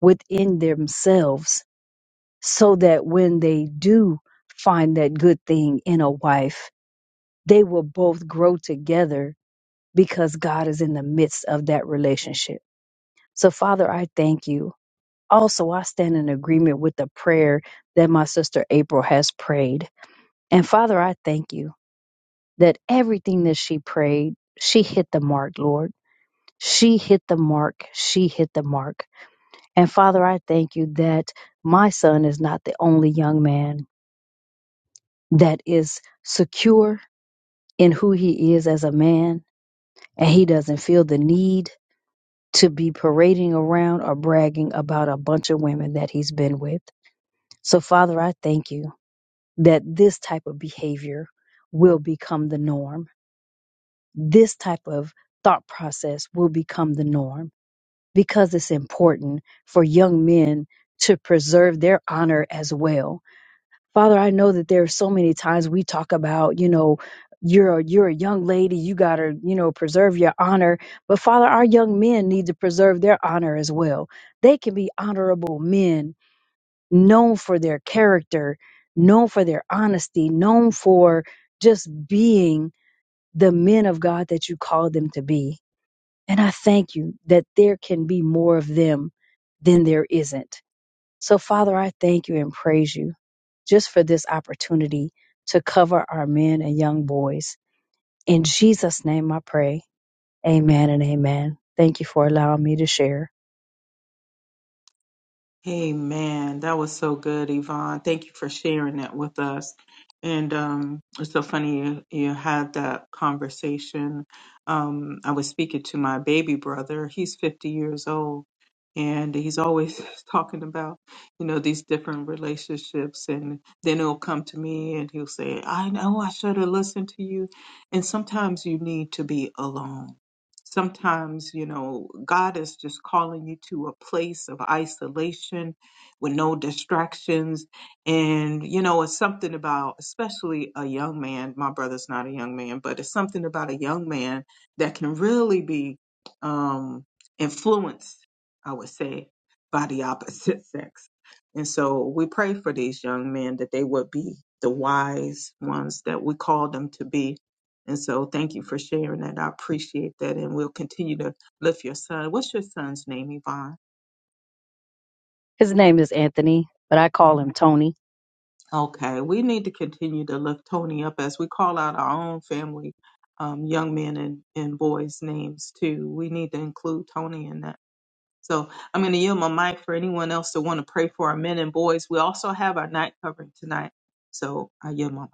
Speaker 5: within themselves so that when they do find that good thing in a wife, they will both grow together because God is in the midst of that relationship. So, Father, I thank you. Also, I stand in agreement with the prayer that my sister April has prayed. And Father, I thank you that everything that she prayed, she hit the mark, Lord. She hit the mark. She hit the mark. And Father, I thank you that my son is not the only young man that is secure in who he is as a man, and he doesn't feel the need to be parading around or bragging about a bunch of women that he's been with. So, Father, I thank you that this type of behavior will become the norm. This type of thought process will become the norm because it's important for young men to preserve their honor as well Father, I know that there are so many times we talk about, you know, you're a, you're a young lady, you got to, you know, preserve your honor. But Father, our young men need to preserve their honor as well. They can be honorable men, known for their character, known for their honesty, known for just being the men of God that you called them to be. And I thank you that there can be more of them than there isn't. So, Father, I thank you and praise you just for this opportunity to cover our men and young boys. In Jesus' name I pray. Amen and amen. Thank you for allowing me to share.
Speaker 2: Amen. That was so good, Yvonne. Thank you for sharing that with us. And um, it's so funny you, you had that conversation. Um, I was speaking to my baby brother. He's 50 years old, and he's always talking about, you know, these different relationships. And then he'll come to me and he'll say, I know I should have listened to you. And sometimes you need to be alone Sometimes, you know, God is just calling you to a place of isolation with no distractions. And, you know, it's something about, especially a young man, my brother's not a young man, but it's something about a young man that can really be um, influenced, I would say, by the opposite sex. And so we pray for these young men that they would be the wise ones that we call them to be and so thank you for sharing that. I appreciate that. And we'll continue to lift your son. What's your son's name, Yvonne?
Speaker 5: His name is Anthony, but I call him Tony.
Speaker 2: Okay, we need to continue to lift Tony up as we call out our own family, um, young men and, and boys' names too. We need to include Tony in that. So I'm going to yield my mic for anyone else that want to pray for our men and boys. We also have our night covering tonight. So I yield my mic.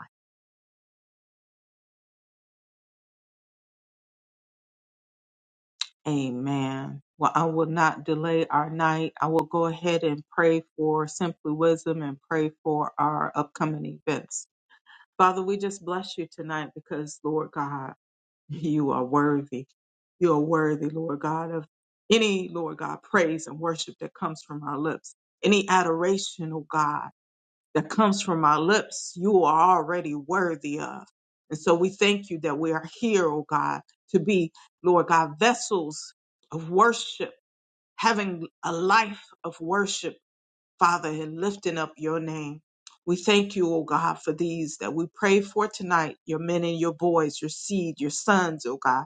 Speaker 2: Amen. Well, I will not delay our night. I will go ahead and pray for Simply Wisdom and pray for our upcoming events. Father, we just bless you tonight because, Lord God, you are worthy. You are worthy, Lord God, of any, Lord God, praise and worship that comes from our lips, any adoration, oh God that comes from our lips, you are already worthy of. And so we thank you that we are here, oh God, to be, Lord God, vessels of worship, having a life of worship, Father, and lifting up your name. We thank you, oh God, for these that we pray for tonight, your men and your boys, your seed, your sons, oh God,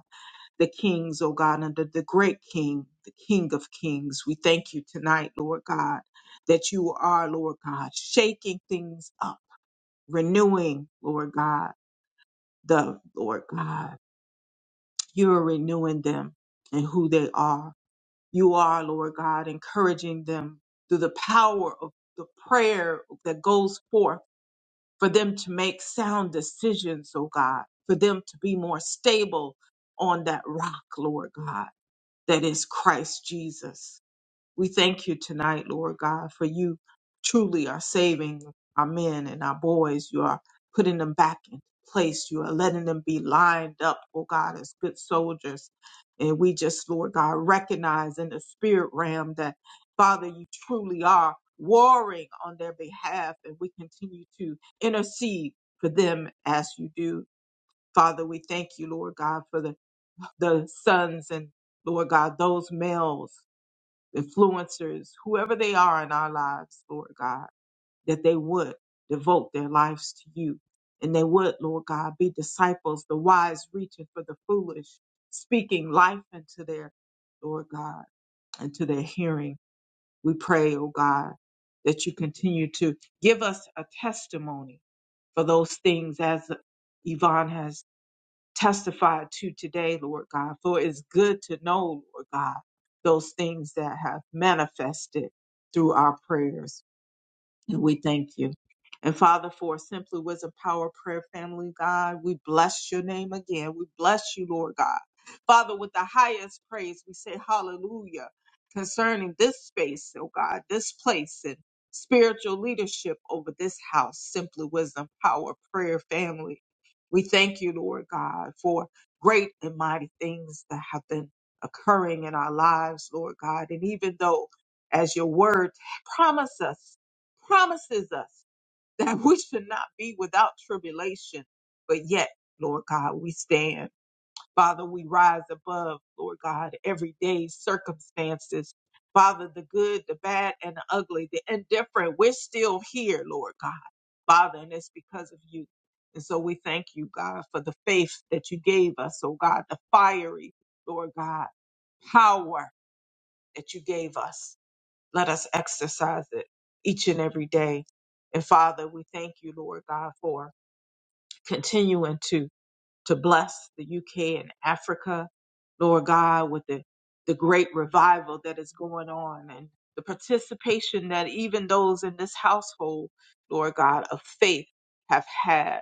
Speaker 2: the kings, oh God, under the great king, the king of kings. We thank you tonight, Lord God, that you are, Lord God, shaking things up renewing, Lord God, the Lord God. You are renewing them and who they are. You are, Lord God, encouraging them through the power of the prayer that goes forth for them to make sound decisions, oh God, for them to be more stable on that rock, Lord God, that is Christ Jesus. We thank you tonight, Lord God, for you truly are saving our men and our boys. You are putting them back in place. You are letting them be lined up, oh God, as good soldiers. And we just, Lord God, recognize in the spirit realm that, Father, you truly are warring on their behalf. And we continue to intercede for them as you do. Father, we thank you, Lord God, for the, the sons and Lord God, those males influencers, whoever they are in our lives, Lord God, that they would devote their lives to you. And they would, Lord God, be disciples, the wise reaching for the foolish, speaking life into their, Lord God, into their hearing. We pray, oh God, that you continue to give us a testimony for those things as Yvonne has testify to today, Lord God. For it's good to know, Lord God, those things that have manifested through our prayers. And we thank you. And Father, for Simply Wisdom Power Prayer Family, God, we bless your name again. We bless you, Lord God. Father, with the highest praise, we say hallelujah concerning this space, oh God, this place and spiritual leadership over this house, Simply Wisdom Power Prayer Family. We thank you, Lord God, for great and mighty things that have been occurring in our lives, Lord God. And even though, as your word promise us promises us that we should not be without tribulation. But yet, Lord God, we stand. Father, we rise above, Lord God, everyday circumstances. Father, the good, the bad, and the ugly, the indifferent, we're still here, Lord God. Father, and it's because of you. And so we thank you, God, for the faith that you gave us, oh God, the fiery, Lord God, power that you gave us. Let us exercise it each and every day. And Father, we thank you, Lord God, for continuing to, to bless the UK and Africa, Lord God, with the, the great revival that is going on and the participation that even those in this household, Lord God, of faith have had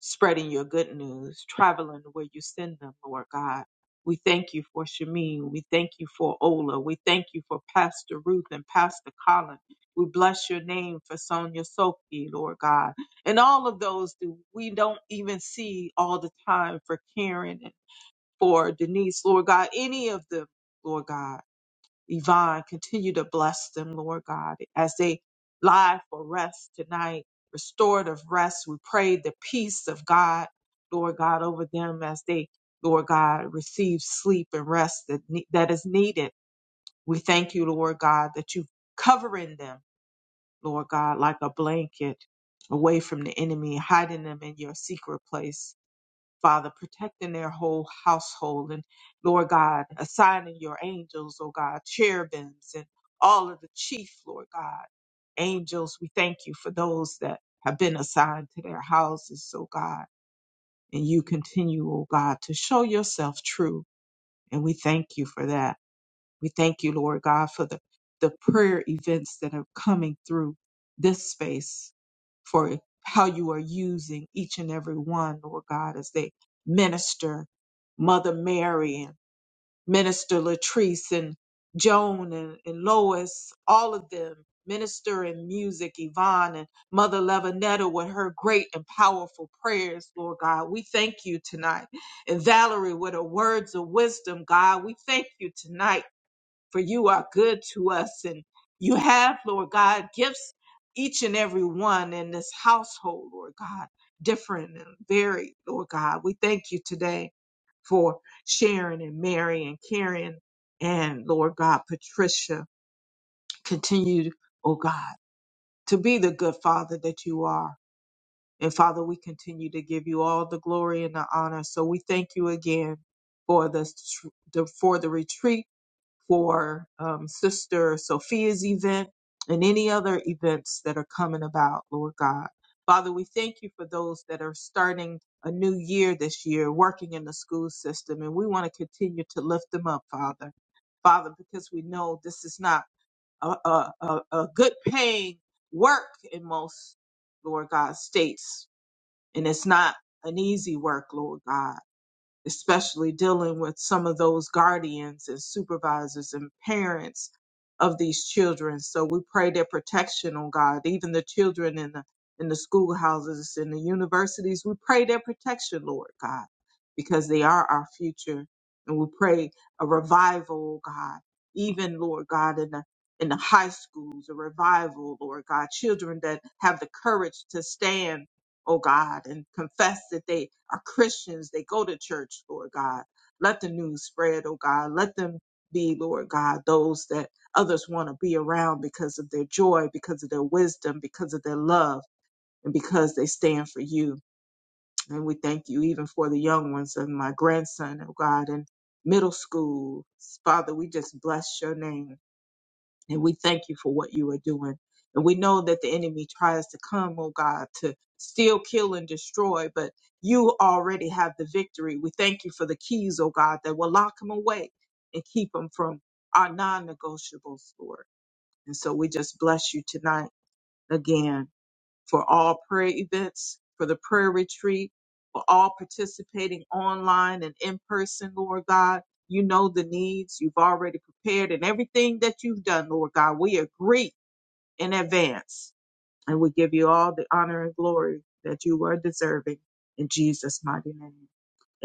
Speaker 2: spreading your good news, traveling where you send them, Lord God. We thank you for Shamin. We thank you for Ola. We thank you for Pastor Ruth and Pastor Colin. We bless your name for Sonia Sophie, Lord God. And all of those that we don't even see all the time for Karen and for Denise, Lord God, any of them, Lord God. Yvonne. Continue to bless them, Lord God, as they lie for rest tonight, restorative rest. We pray the peace of God, Lord God, over them as they, Lord God, receive sleep and rest that, ne- that is needed. We thank you, Lord God, that you covering them, Lord God, like a blanket away from the enemy, hiding them in your secret place. Father, protecting their whole household. And Lord God, assigning your angels, oh God, cherubims and all of the chief, Lord God, angels. We thank you for those that have been assigned to their houses, oh God. And you continue, oh God, to show yourself true. And we thank you for that. We thank you, Lord God, for the, the prayer events that are coming through this space, for how you are using each and every one, Lord God, as they minister Mother Mary and Minister Latrice and Joan and, and Lois, all of them, Minister in Music, Yvonne and Mother Levinetta with her great and powerful prayers, Lord God. We thank you tonight. And Valerie with her words of wisdom, God, we thank you tonight for you are good to us. And you have, Lord God, gifts each and every one in this household, Lord God, different and varied, Lord God. We thank you today for Sharon and Mary and Karen and Lord God, Patricia. Continue, oh God, to be the good father that you are. And Father, we continue to give you all the glory and the honor. So we thank you again for the, the for the retreat for um, Sister Sophia's event and any other events that are coming about, Lord God. Father, we thank you for those that are starting a new year this year, working in the school system, and we want to continue to lift them up, Father. Father, because we know this is not a, a, a, a good paying work in most, Lord God, states, and it's not an easy work, Lord God especially dealing with some of those guardians and supervisors and parents of these children. So we pray their protection on God, even the children in the in the schoolhouses and the universities. We pray their protection, Lord God, because they are our future. And we pray a revival, oh God, even Lord God in the in the high schools, a revival, Lord God, children that have the courage to stand oh God, and confess that they are Christians. They go to church, Lord God. Let the news spread, oh God. Let them be, Lord God, those that others want to be around because of their joy, because of their wisdom, because of their love, and because they stand for you. And we thank you even for the young ones and my grandson, oh God, in middle school. Father, we just bless your name. And we thank you for what you are doing. And we know that the enemy tries to come, oh God, to steal, kill, and destroy, but you already have the victory. We thank you for the keys, oh God, that will lock him away and keep him from our non negotiables, Lord. And so we just bless you tonight again for all prayer events, for the prayer retreat, for all participating online and in person, Lord God. You know the needs you've already prepared and everything that you've done, Lord God. We agree in advance and we give you all the honor and glory that you are deserving in Jesus' mighty name.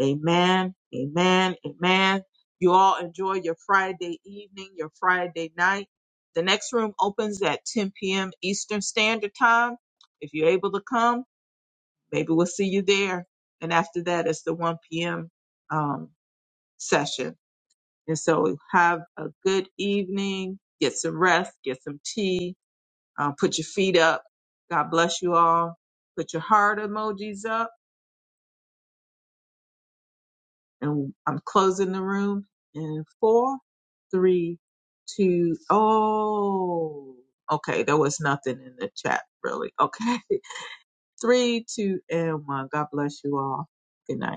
Speaker 2: Amen. Amen. Amen. You all enjoy your Friday evening, your Friday night. The next room opens at 10 p.m. Eastern Standard Time. If you're able to come, maybe we'll see you there. And after that, it's the 1 p.m. Um, session. And so have a good evening. Get some rest. Get some tea. Uh, put your feet up. God bless you all. Put your heart emojis up And I'm closing the room in four, three, two. Oh, Okay, there was nothing in the chat, really. Okay. Three, two, and one. God bless you all. Good night.